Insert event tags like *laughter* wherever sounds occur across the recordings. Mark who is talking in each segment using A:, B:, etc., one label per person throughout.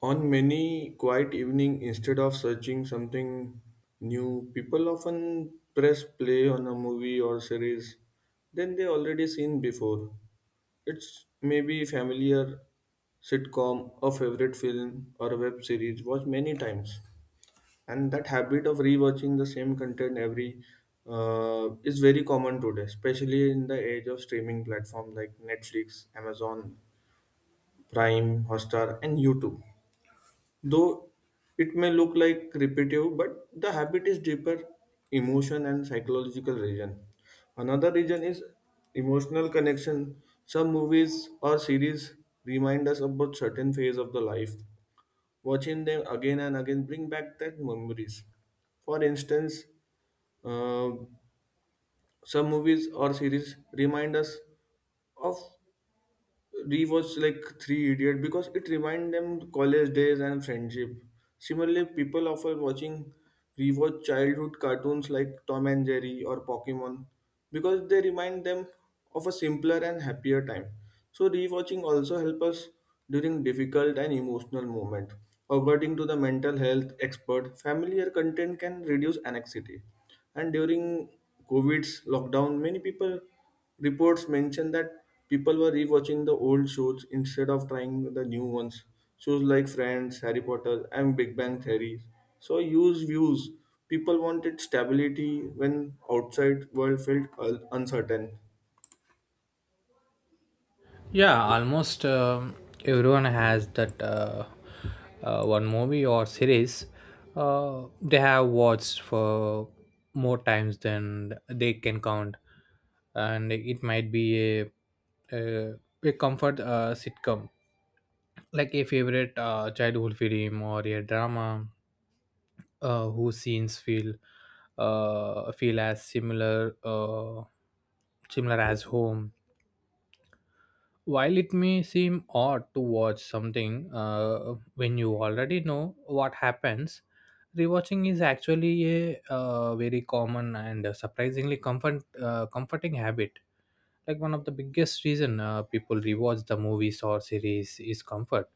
A: On many quiet evening, instead of searching something new, people often press play on a movie or series then they already seen before. It's maybe familiar sitcom, a favorite film or a web series watched many times. And that habit of rewatching the same content every is very common today, especially in the age of streaming platform like Netflix, Amazon Prime, Hotstar and YouTube. Though it may look like repetitive, but the habit is deeper emotion and psychological reason. Another reason is emotional connection. Some movies or series remind us about certain phase of the life. Watching them again and again bring back that memories. For instance, uh, some movies or series remind us of rewatch like Three Idiot because it remind them college days and friendship. Similarly, people often watching rewatch childhood cartoons like Tom and Jerry or Pokemon because they remind them of a simpler and happier time. So rewatching also help us during difficult and emotional moment. According to the mental health expert, familiar content can reduce anxiety. And during COVID's lockdown, many people reports mention that people were rewatching the old shows instead of trying the new ones. Shows like Friends, Harry Potter, and Big Bang Theory. So use views. People wanted stability when outside world felt uncertain.
B: Yeah, almost everyone has that one movie or series they have watched for more times than they can count, and it might be a a, a comfort sitcom, like a favorite childhood film or a drama, whose scenes feel as similar as home, while it may seem odd to watch something when you already know what happens. Rewatching is actually a very common and surprisingly comforting habit. Like, one of the biggest reason people rewatch the movies or series is comfort,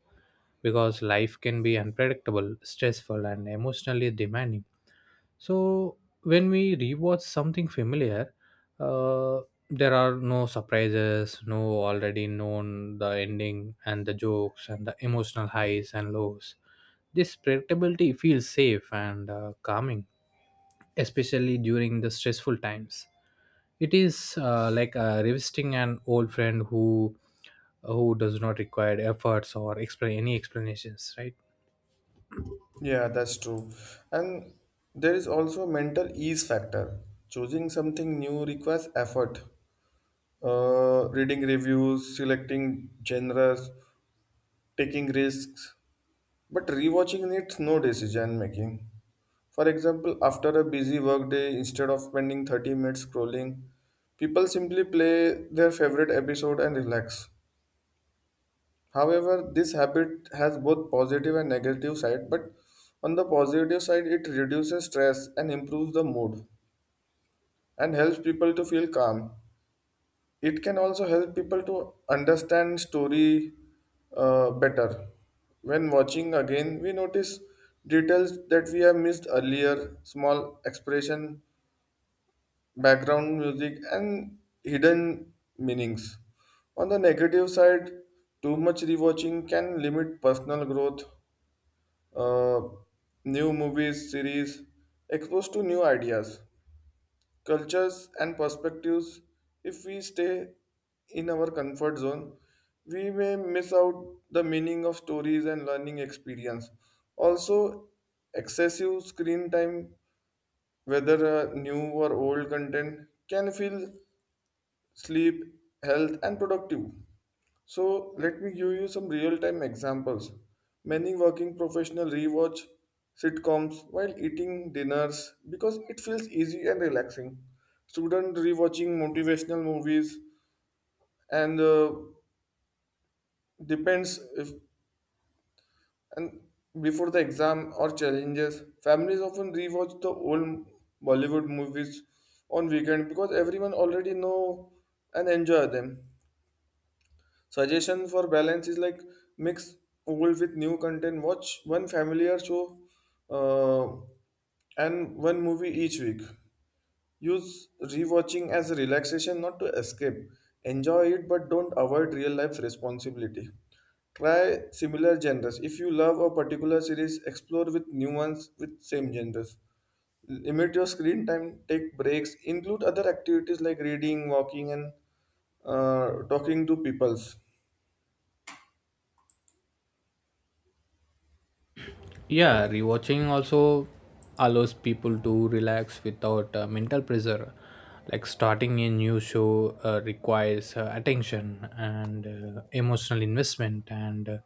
B: because life can be unpredictable, stressful, and emotionally demanding. So when we rewatch something familiar, uh, there are no surprises, no already known the ending and the jokes and the emotional highs and lows. This predictability feels safe and calming, especially during the stressful times. It is like revisiting an old friend who does not require efforts or explain any explanations, right?
A: Yeah, that's true. And there is also mental ease factor. Choosing something new requires effort. Reading reviews, selecting genres, taking risks. But rewatching needs no decision making. For example, after a busy workday, instead of spending 30 minutes scrolling, people simply play their favorite episode and relax. However, this habit has both positive and negative side, but on the positive side, it reduces stress and improves the mood and helps people to feel calm. It can also help people to understand story better. When watching again, we notice details that we have missed earlier, small expression, background music, and hidden meanings. On the negative side, too much rewatching can limit personal growth. Uh, New movies, series, exposed to new ideas, cultures, and perspectives. If we stay in our comfort zone, we may miss out the meaning of stories and learning experience. Also, excessive screen time, whether new or old content, can feel sleep, health, and productive. So let me give you some real-time examples. Many working professionals rewatch sitcoms while eating dinners because it feels easy and relaxing. Student rewatching motivational movies and depends if and before the exam or challenges. Families often rewatch the old Bollywood movies on weekend because everyone already know and enjoy them. Suggestion for balance is like mix old with new content. Watch one familiar show uh, and one movie each week. Use rewatching as a relaxation, not to escape. Enjoy it, but don't avoid real life responsibility. Try similar genres. If you love a particular series, explore with new ones with same genres. Limit your screen time, take breaks, include other activities like reading, walking, and talking to peoples.
B: Yeah, rewatching also allows people to relax without mental pressure. Like starting a new show requires attention and emotional investment and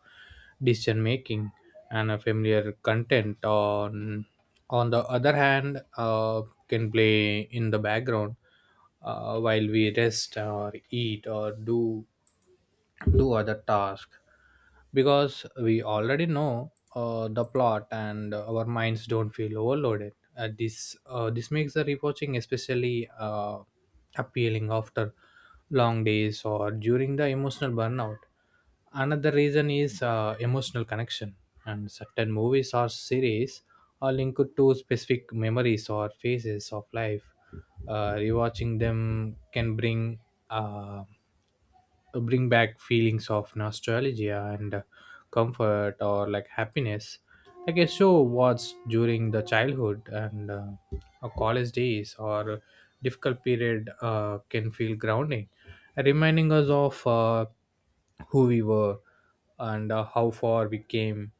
B: decision making, and a familiar content on the other hand can play in the background while we rest or eat or do other tasks because we already know the plot and our minds don't feel overloaded. This makes the rewatching especially appealing after long days or during the emotional burnout. Another reason is emotional connection, and certain movies or series are linked to specific memories or phases of life. Rewatching them can uh, bring back feelings of nostalgia and comfort or, like, happiness, like a show watched during the childhood and or college days or difficult period can feel grounding, reminding us of who we were and how far we came.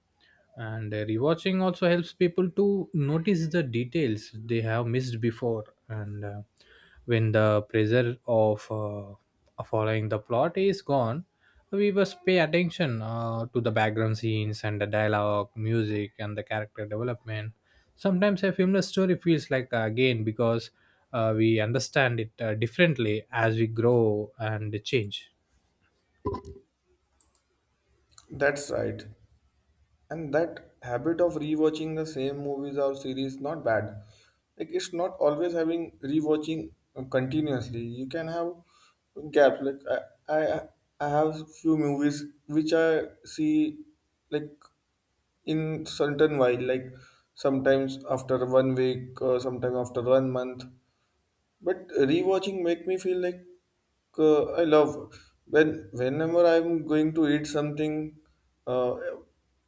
B: And rewatching also helps people to notice the details they have missed before. And when the pressure of following the plot is gone, we must pay attention to the background scenes and the dialogue music and the character development. Sometimes a film story feels like again, because we understand it differently as we grow and change.
A: That's right. And that habit of rewatching the same movies or series not bad. Like it's not always having rewatching continuously. You can have gaps. Like I, I, I have few movies which I see like in certain while, like sometimes after 1 week, or sometimes after 1 month. But rewatching make me feel like I love when whenever I'm going to eat something, uh,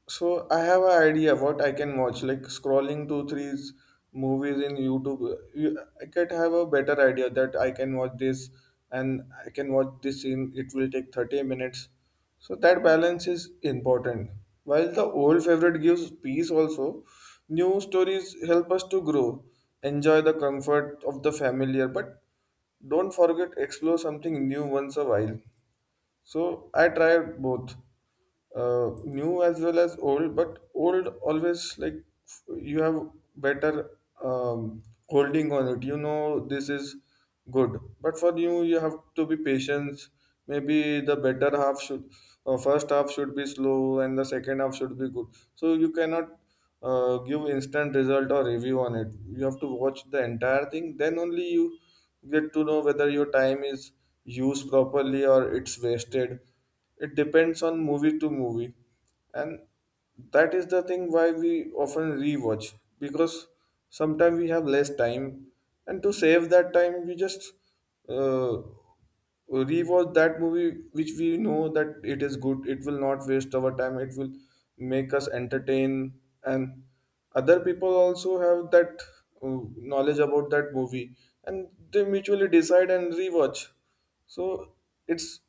A: so I have an idea what I can watch. Like scrolling 2 3 movies in YouTube, I can have a better idea that I can watch this and I can watch this in it will take 30 minutes. So that balance is important. While the old favorite gives peace also, new stories help us to grow, enjoy the comfort of the familiar, but don't forget explore something new once a while. So I tried both, new as well as old. But old always like you have better um, holding on it. You know this is good. But for new, you have to be patient. Maybe the better half should, first half should be slow, and the second half should be good. So you cannot give instant result or review on it. You have to watch the entire thing then only you get to know whether your time is used properly or it's wasted. It depends on movie to movie. And that is the thing why we often rewatch, because sometimes we have less time and to save that time we just uh, rewatch that movie which we know that it is good, it will not waste our time, it will make us entertain. And other people also have that knowledge about that movie and they mutually decide and rewatch. So it's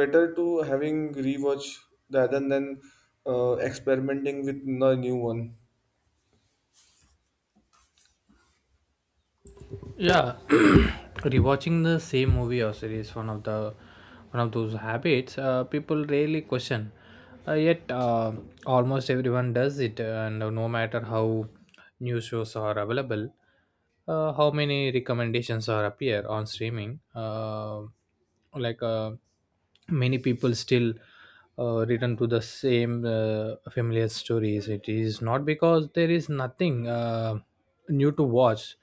A: better to having rewatch rather than experimenting with a new one.
B: Yeah. *clears throat* Rewatching the same movie or series, one of those habits people rarely question, yet almost everyone does it, and no matter how new shows are available, how many recommendations are appear on streaming, like uh, many people still return to the same familiar stories. It is not because there is nothing new to watch.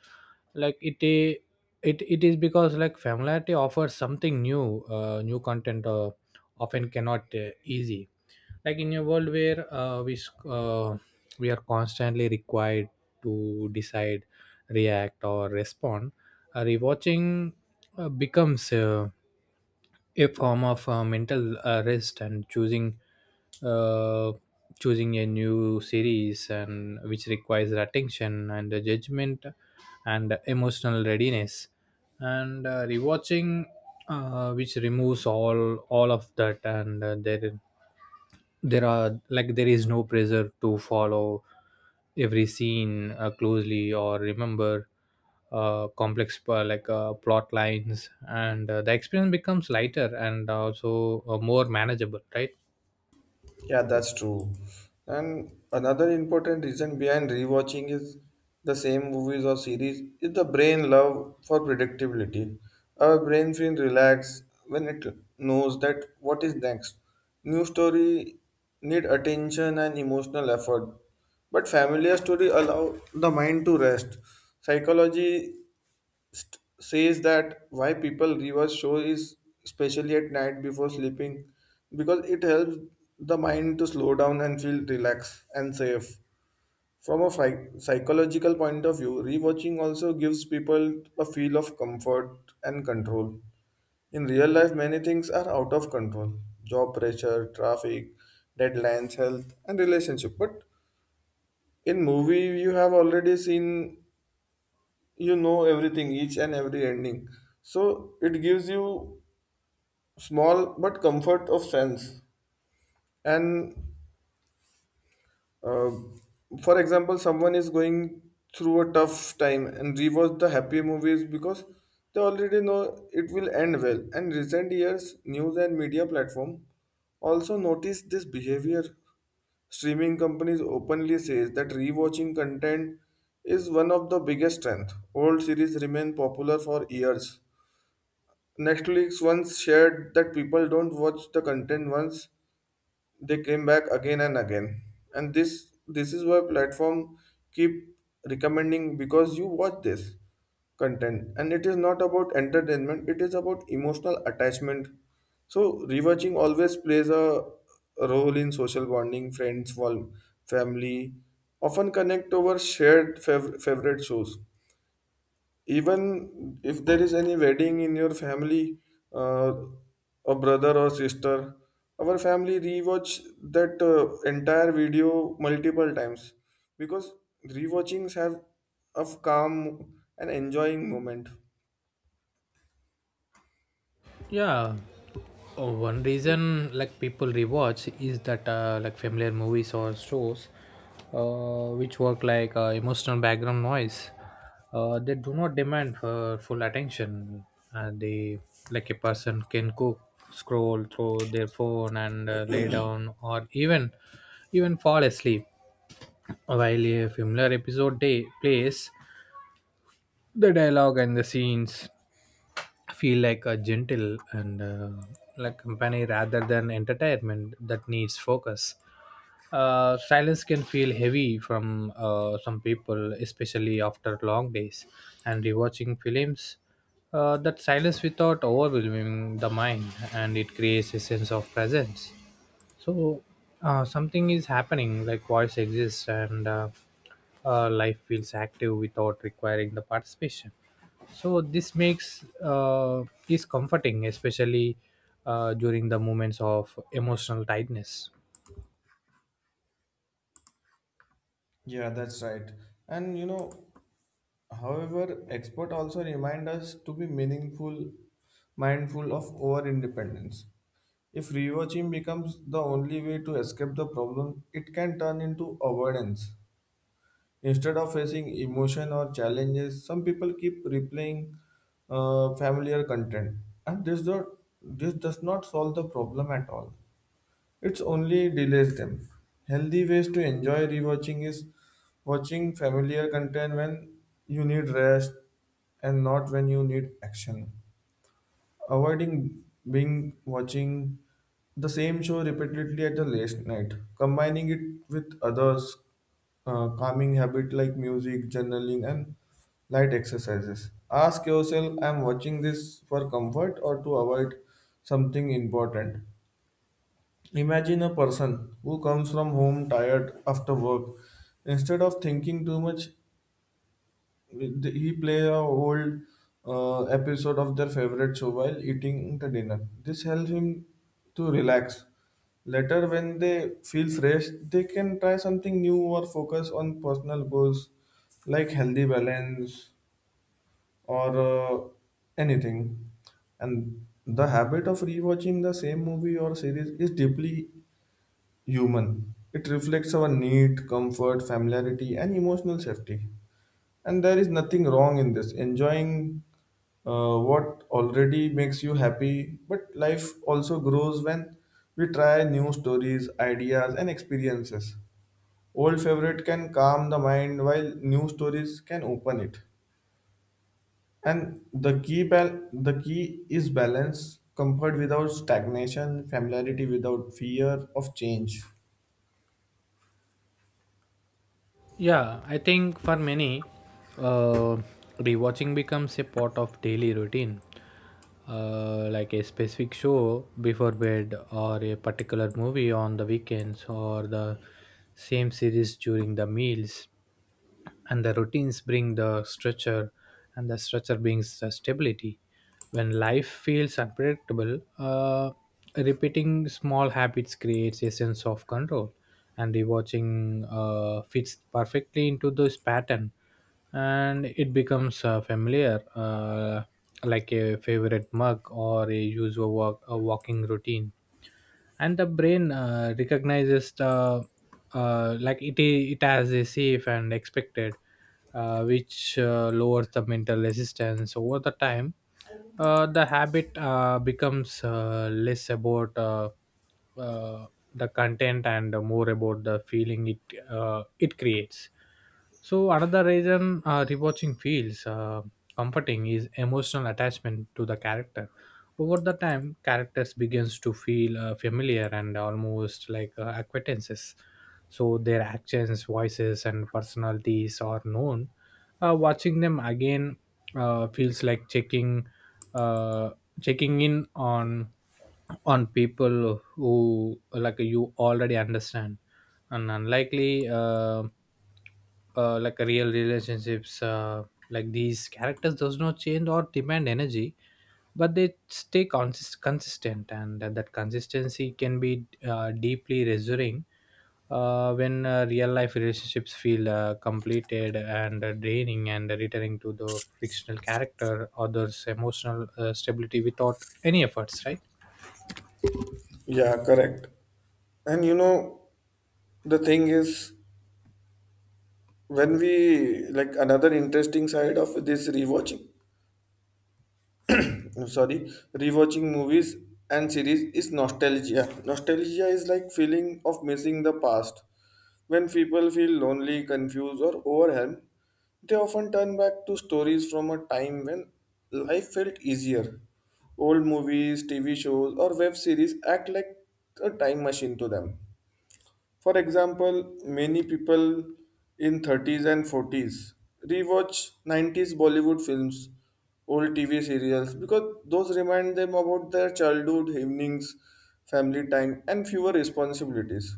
B: Like it i- it it is because, like, familiarity offers something new. New content often cannot easy, like in a world where we are constantly required to decide, react, or respond. Rewatching becomes a form of mental rest, and uh, choosing a new series, and which requires attention and judgment and emotional readiness. And rewatching, which removes all of that. And there there are like there is no pressure to follow every scene closely or remember complex, plot lines, and the experience becomes lighter and also more manageable, right?
A: Yeah, that's true. And another important reason behind rewatching is the same movies or series is the brain love for predictability. Our brain feels relaxed when it knows that what is next. New story need attention and emotional effort, but familiar story allow the mind to rest. Psychology says that why people rewatch show is especially at night before sleeping because it helps the mind to slow down and feel relaxed and safe. From a psychological point of view, rewatching also gives people a feel of comfort and control. In real life, many things are out of control: job pressure, traffic, deadlines, health, and relationship. But in movie, you have already seen, you know everything, each and every ending, so it gives you small but comfort of sense. And uh, for example, someone is going through a tough time and rewatch the happy movies because they already know it will end well. And recent years news and media platform also notice this behavior. Streaming companies openly says that rewatching content is one of the biggest strength, old series remain popular for years. Netflix once shared that people don't watch the content once, they came back again and again. And this is why platform keep recommending because you watch this content, and it is not about entertainment, it is about emotional attachment. So rewatching always plays a role in social bonding, friends, family, often connect over shared favorite shows. Even if there is any wedding in your family, uh, a brother or sister, our family rewatch that entire video multiple times, because rewatchings have of calm and enjoying moment.
B: Yeah. Oh, one reason, like, people rewatch is that, like, familiar movies or shows which work like emotional background noise. They do not demand for full attention, and they, like, a person can cook, scroll through their phone, and lay down, or even fall asleep while a familiar episode day plays. The dialogue and the scenes feel like a gentle and like company rather than entertainment that needs focus. Silence can feel heavy from some people, especially after long days, and rewatching films that silence without overwhelming the mind, and it creates a sense of presence. So something is happening, like voice exists, and life feels active without requiring the participation. So this makes is comforting, especially during the moments of emotional tightness.
A: Yeah, that's right. And you know, however, export also remind us to be meaningful, mindful of our independence. If rewatching becomes the only way to escape the problem, it can turn into avoidance. Instead of facing emotion or challenges, some people keep replaying familiar content, and this does not solve the problem at all. It's only delays them. Healthy ways to enjoy rewatching is watching familiar content when you need rest and not when you need action. Avoiding being watching the same show repeatedly at the late night, combining it with others calming habit like music, journaling, and light exercises. Ask yourself, I'm watching this for comfort or to avoid something important. Imagine a person who comes from home tired after work. Instead of thinking too much, he play a old episode of their favorite show while eating the dinner. This helps him to relax. Later, when they feel fresh, they can try something new or focus on personal goals like healthy balance or anything. And the habit of rewatching the same movie or series is deeply human. It reflects our need, comfort, familiarity, and emotional safety. And there is nothing wrong in this. Enjoying what already makes you happy, but life also grows when we try new stories, ideas, and experiences. Old favorite can calm the mind while new stories can open it. And the key is balance, comfort without stagnation, familiarity without fear of change.
B: Yeah, I think for many, uh, rewatching becomes a part of daily routine, like a specific show before bed, or a particular movie on the weekends, or the same series during the meals. And the routines bring the structure, and the structure brings the stability. When life feels unpredictable, repeating small habits creates a sense of control, and rewatching fits perfectly into this pattern, and it becomes familiar, like a favorite mug or a usual walk, a walking routine. And the brain recognizes the like it I- it as a safe and expected, which lowers the mental resistance over the time. The habit becomes less about uh, the content and more about the feeling it creates. So another reason rewatching feels comforting is emotional attachment to the character. Over the time, characters begins to feel familiar and almost like acquaintances. So their actions, voices, and personalities are known. Watching them again feels like uh, checking in on people who, like, you already understand, and unlikely, uh, like real relationships, like these characters does not change or demand energy, but they stay consistent, and that consistency can be deeply reassuring when real life relationships feel completed and draining, and returning to the fictional character others emotional stability without any efforts, right?
A: Yeah, correct. And you know, the thing is, when we like another interesting side of this rewatching, *clears throat* sorry, rewatching movies and series is nostalgia. Nostalgia is like feeling of missing the past. When people feel lonely, confused, or overwhelmed, they often turn back to stories from a time when life felt easier. Old movies, TV shows, or web series act like a time machine to them. For example, many people in 30s and 40s rewatch 90s Bollywood films, old TV serials because those remind them about their childhood evenings, family time, and fewer responsibilities.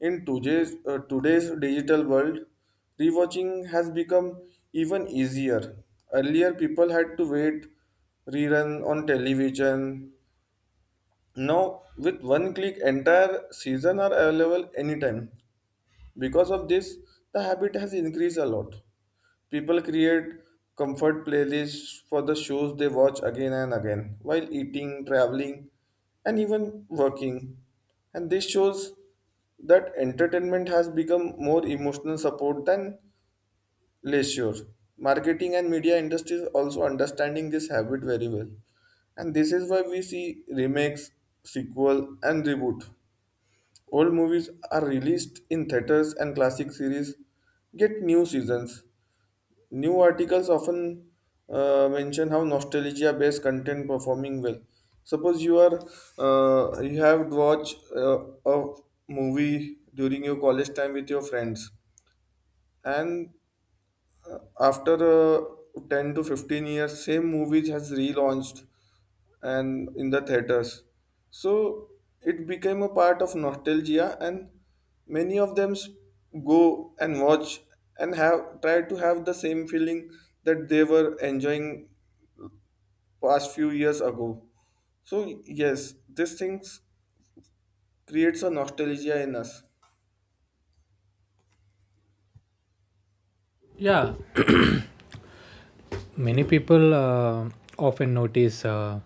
A: In today's digital world, rewatching has become even easier. Earlier, people had to wait rerun on television. Now, with one click, entire season are available anytime. Because of this, the habit has increased a lot. People create comfort playlists for the shows they watch again and again while eating, traveling, and even working. And this shows that entertainment has become more emotional support than leisure. Marketing and media industries also understanding this habit very well. And this is why we see remakes, sequel, and reboot. Old movies are released in theaters and classic series get new seasons. New articles often mention how nostalgia based content performing well. Suppose you are you have watched a movie during your college time with your friends and after uh, 10 to 15 years same movies has relaunched and in the theaters, so it became a part of nostalgia and many of them s- go and watch and have try to have the same feeling that they were enjoying past few years ago. So yes, these things creates a nostalgia in us.
B: Yeah, many people often notice uh,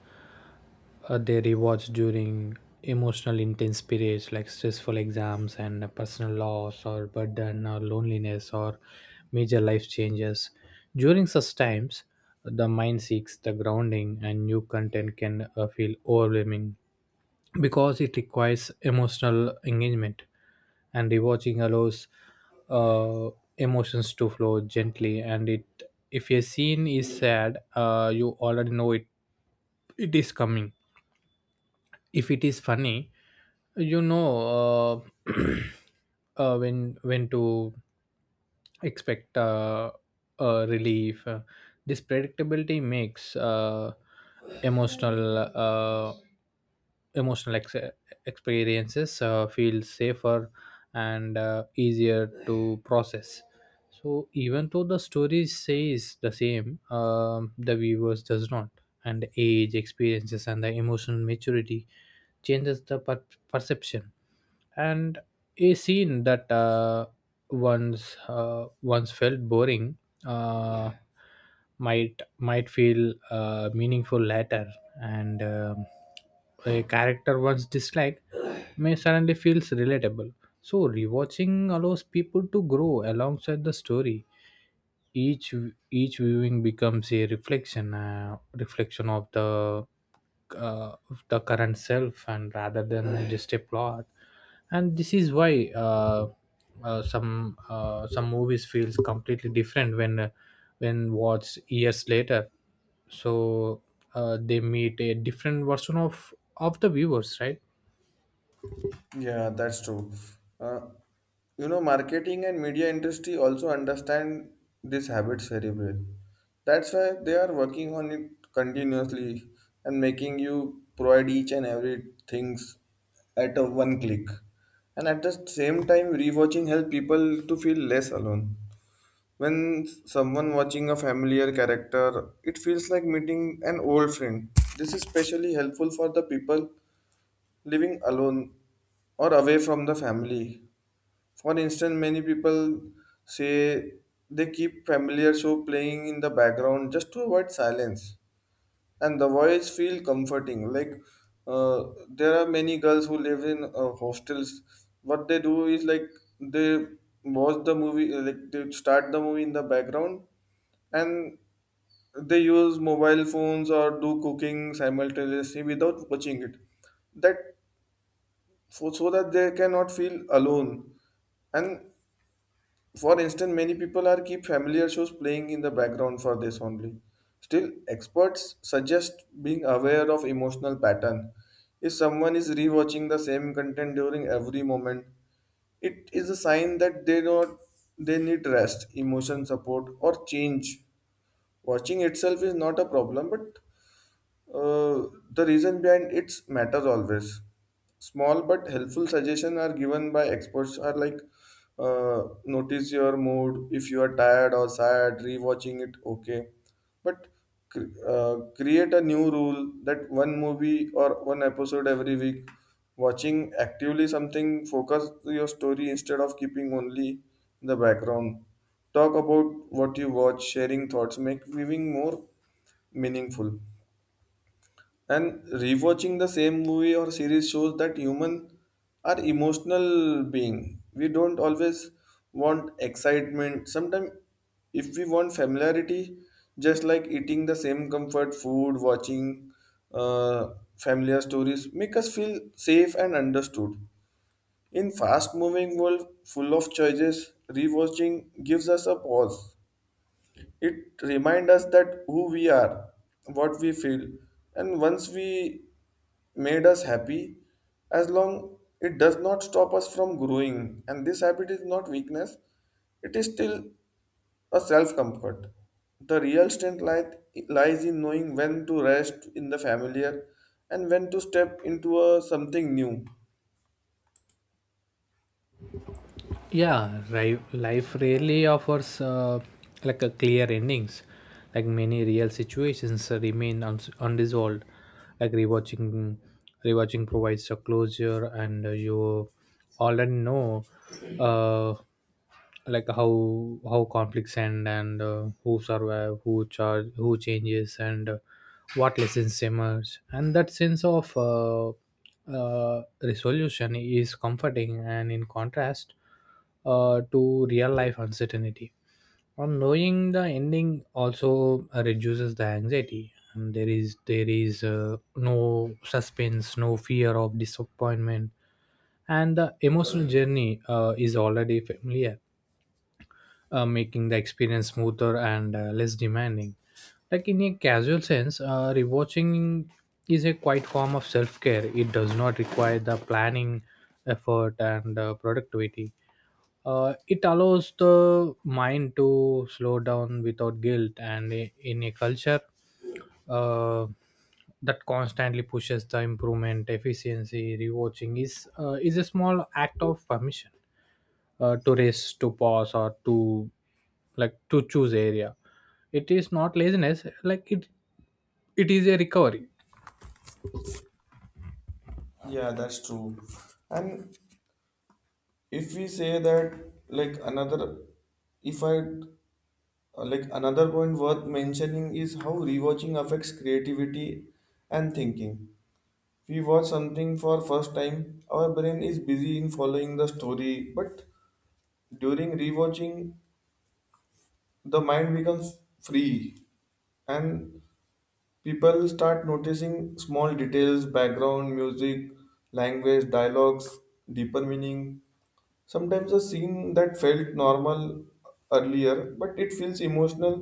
B: uh, they rewatch during emotional intense periods like stressful exams and personal loss or burden or loneliness or major life changes. During such times, the mind seeks the grounding, and new content can feel overwhelming because it requires emotional engagement, and rewatching allows uh, emotions to flow gently. And it, if a scene is sad, you already know it is coming. If it is funny, you know, uh, *clears throat* when to expect relief. This predictability makes emotional emotional ex- experiences feel safer and easier to process. So even though the story says the same, the viewers does not, and age experiences and the emotional maturity changes the perception. And a scene that once felt boring uh, might feel meaningful later, and a character once disliked may suddenly feels relatable. So rewatching allows people to grow alongside the story. Each viewing becomes a reflection of the, of the current self, and rather than just a plot. And this is why some movies feels completely different when watched years later. So they meet a different version of the viewers, right?
A: Yeah, that's true. Uh, you know, marketing and media industry also understand this habit very well. That's why they are working on it continuously and making you provide each and every things at a one click. And at the same time, rewatching helps people to feel less alone. When someone watching a familiar character, it feels like meeting an old friend. This is especially helpful for the people living alone or away from the family. For instance, many people say they keep familiar show playing in the background just to avoid silence, and the voice feel comforting. Like there are many girls who live in hostels. What they do is like they watch the movie, like they start the movie in the background, and they use mobile phones or do cooking simultaneously without watching it, that for, so that they cannot feel alone. And for instance, many people are keep familiar shows playing in the background for this only. Still, experts suggest being aware of emotional pattern. If someone is rewatching the same content during every moment, it is a sign that they not they need rest, emotion support, or change. Watching itself is not a problem, but the reason behind its matters always. Small but helpful suggestions are given by experts are like notice your mood. If you are tired or sad, rewatching it okay. But create a new rule that one movie or one episode every week. Watching actively something, focus your story instead of keeping only in the background. Talk about what you watch, sharing thoughts, make viewing more meaningful. And rewatching the same movie or series shows that humans are emotional being. We don't always want excitement. Sometimes if we want familiarity, just like eating the same comfort food, watching uh, familiar stories, make us feel safe and understood. In fast moving world full of choices, rewatching gives us a pause. It reminds us that who we are, what we feel, and once we made us happy, as long it does not stop us from growing. And this habit is not weakness, it is still a self comfort. The real strength lies in knowing when to rest in the familiar and when to step into a, something new.
B: Yeah, life rarely offers like a clear endings, like many real situations remain uns unresolved. Like, rewatching provides a closure, and you already know, uh, like, how conflicts end, and who survive, who changes, and what lessons emerge. And that sense of resolution is comforting, and in contrast, to real life uncertainty, on knowing the ending also reduces the anxiety. And there is no suspense, no fear of disappointment, and the emotional journey is already familiar, making the experience smoother and less demanding. Like, in a casual sense, rewatching is a quiet form of self care. It does not require the planning, effort, and productivity. It allows the mind to slow down without guilt, and in a culture uh, that constantly pushes the improvement, efficiency, rewatching is a small act of permission to race, to pause, or to, like, to choose area. It is not laziness. Like it is a recovery.
A: Yeah, that's true. And if we say that, like another, if I like another point worth mentioning is how rewatching affects creativity and thinking. We watch something for first time our brain is busy in following the story, but during rewatching the mind becomes free, and people start noticing small details, background music, language dialogues, deeper meaning. Sometimes a scene that felt normal earlier but it feels emotional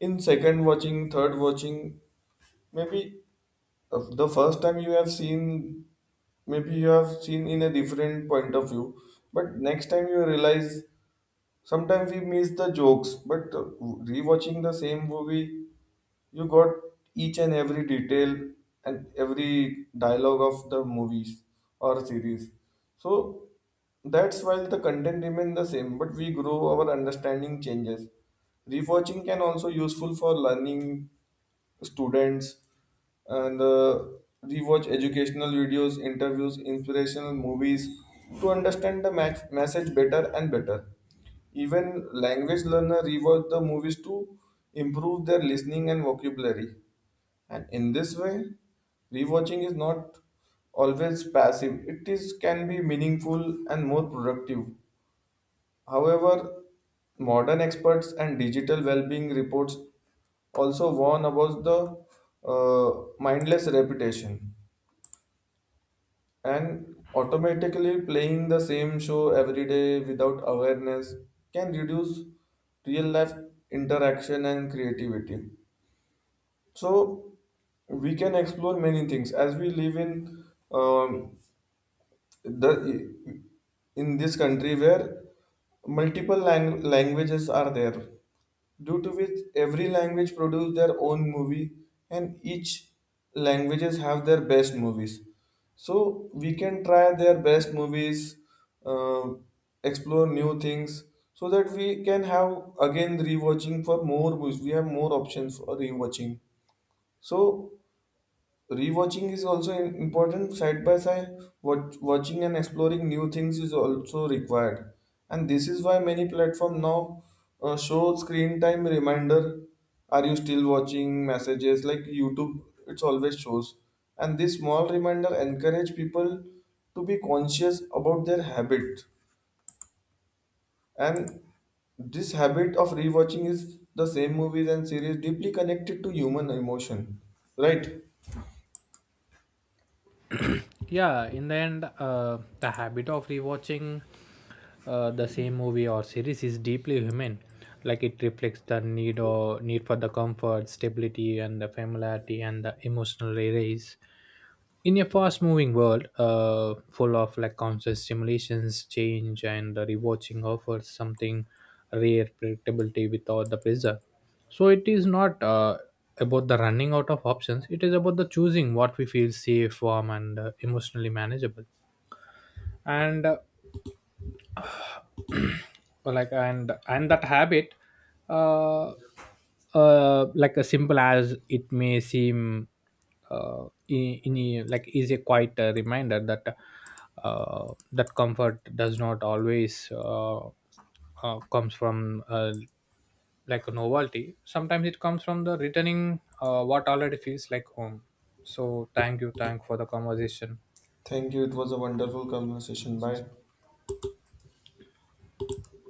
A: in second watching, third watching. Maybe the first time you have seen, maybe you have seen in a different point of view, but next time you realize sometimes we miss the jokes, but rewatching the same movie, you got each and every detail and every dialogue of the movies or series. So that's while the content remain the same, but we grow our understanding changes. Rewatching can also useful for learning students and rewatch educational videos, interviews, inspirational movies to understand the message better and better. Even language learner rewatch the movies to improve their listening and vocabulary. And in this way, rewatching is not always passive. It is can be meaningful and more productive. However, modern experts and digital well-being reports also warn about the mindless repetition and automatically playing the same show every day without awareness can reduce real life interaction and creativity. So we can explore many things as we live in um, the in this country where multiple languages are there, due to which every language produce their own movie and each languages have their best movies. So we can try their best movies, uh, explore new things, so that we can have again rewatching for more movies, we have more options for rewatching. So rewatching is also important. Side by side, watching and exploring new things is also required. And this is why many platforms now show screen time reminder. Are you still watching messages like YouTube? It's always shows. And this small reminder encourage people to be conscious about their habit. And this habit of rewatching is the same movies and series deeply connected to human emotion, right?
B: Yeah, in the end, the habit of rewatching the same movie or series is deeply human. Like it reflects the need for the comfort, stability, and the familiarity, and the emotional release. In a fast moving world, full of, like, constant stimulations change, and rewatching offers something rare, predictability without the pressure. So it is not about the running out of options. It is about the choosing what we feel safe, warm, and emotionally manageable, and that habit, uh, as simple as it may seem, in a- like is a quite a reminder that that comfort does not always comes from like a novelty. Sometimes it comes from the returning what already feels like home. So thank you. Thank for the conversation.
A: Thank you. It was a wonderful conversation. Bye.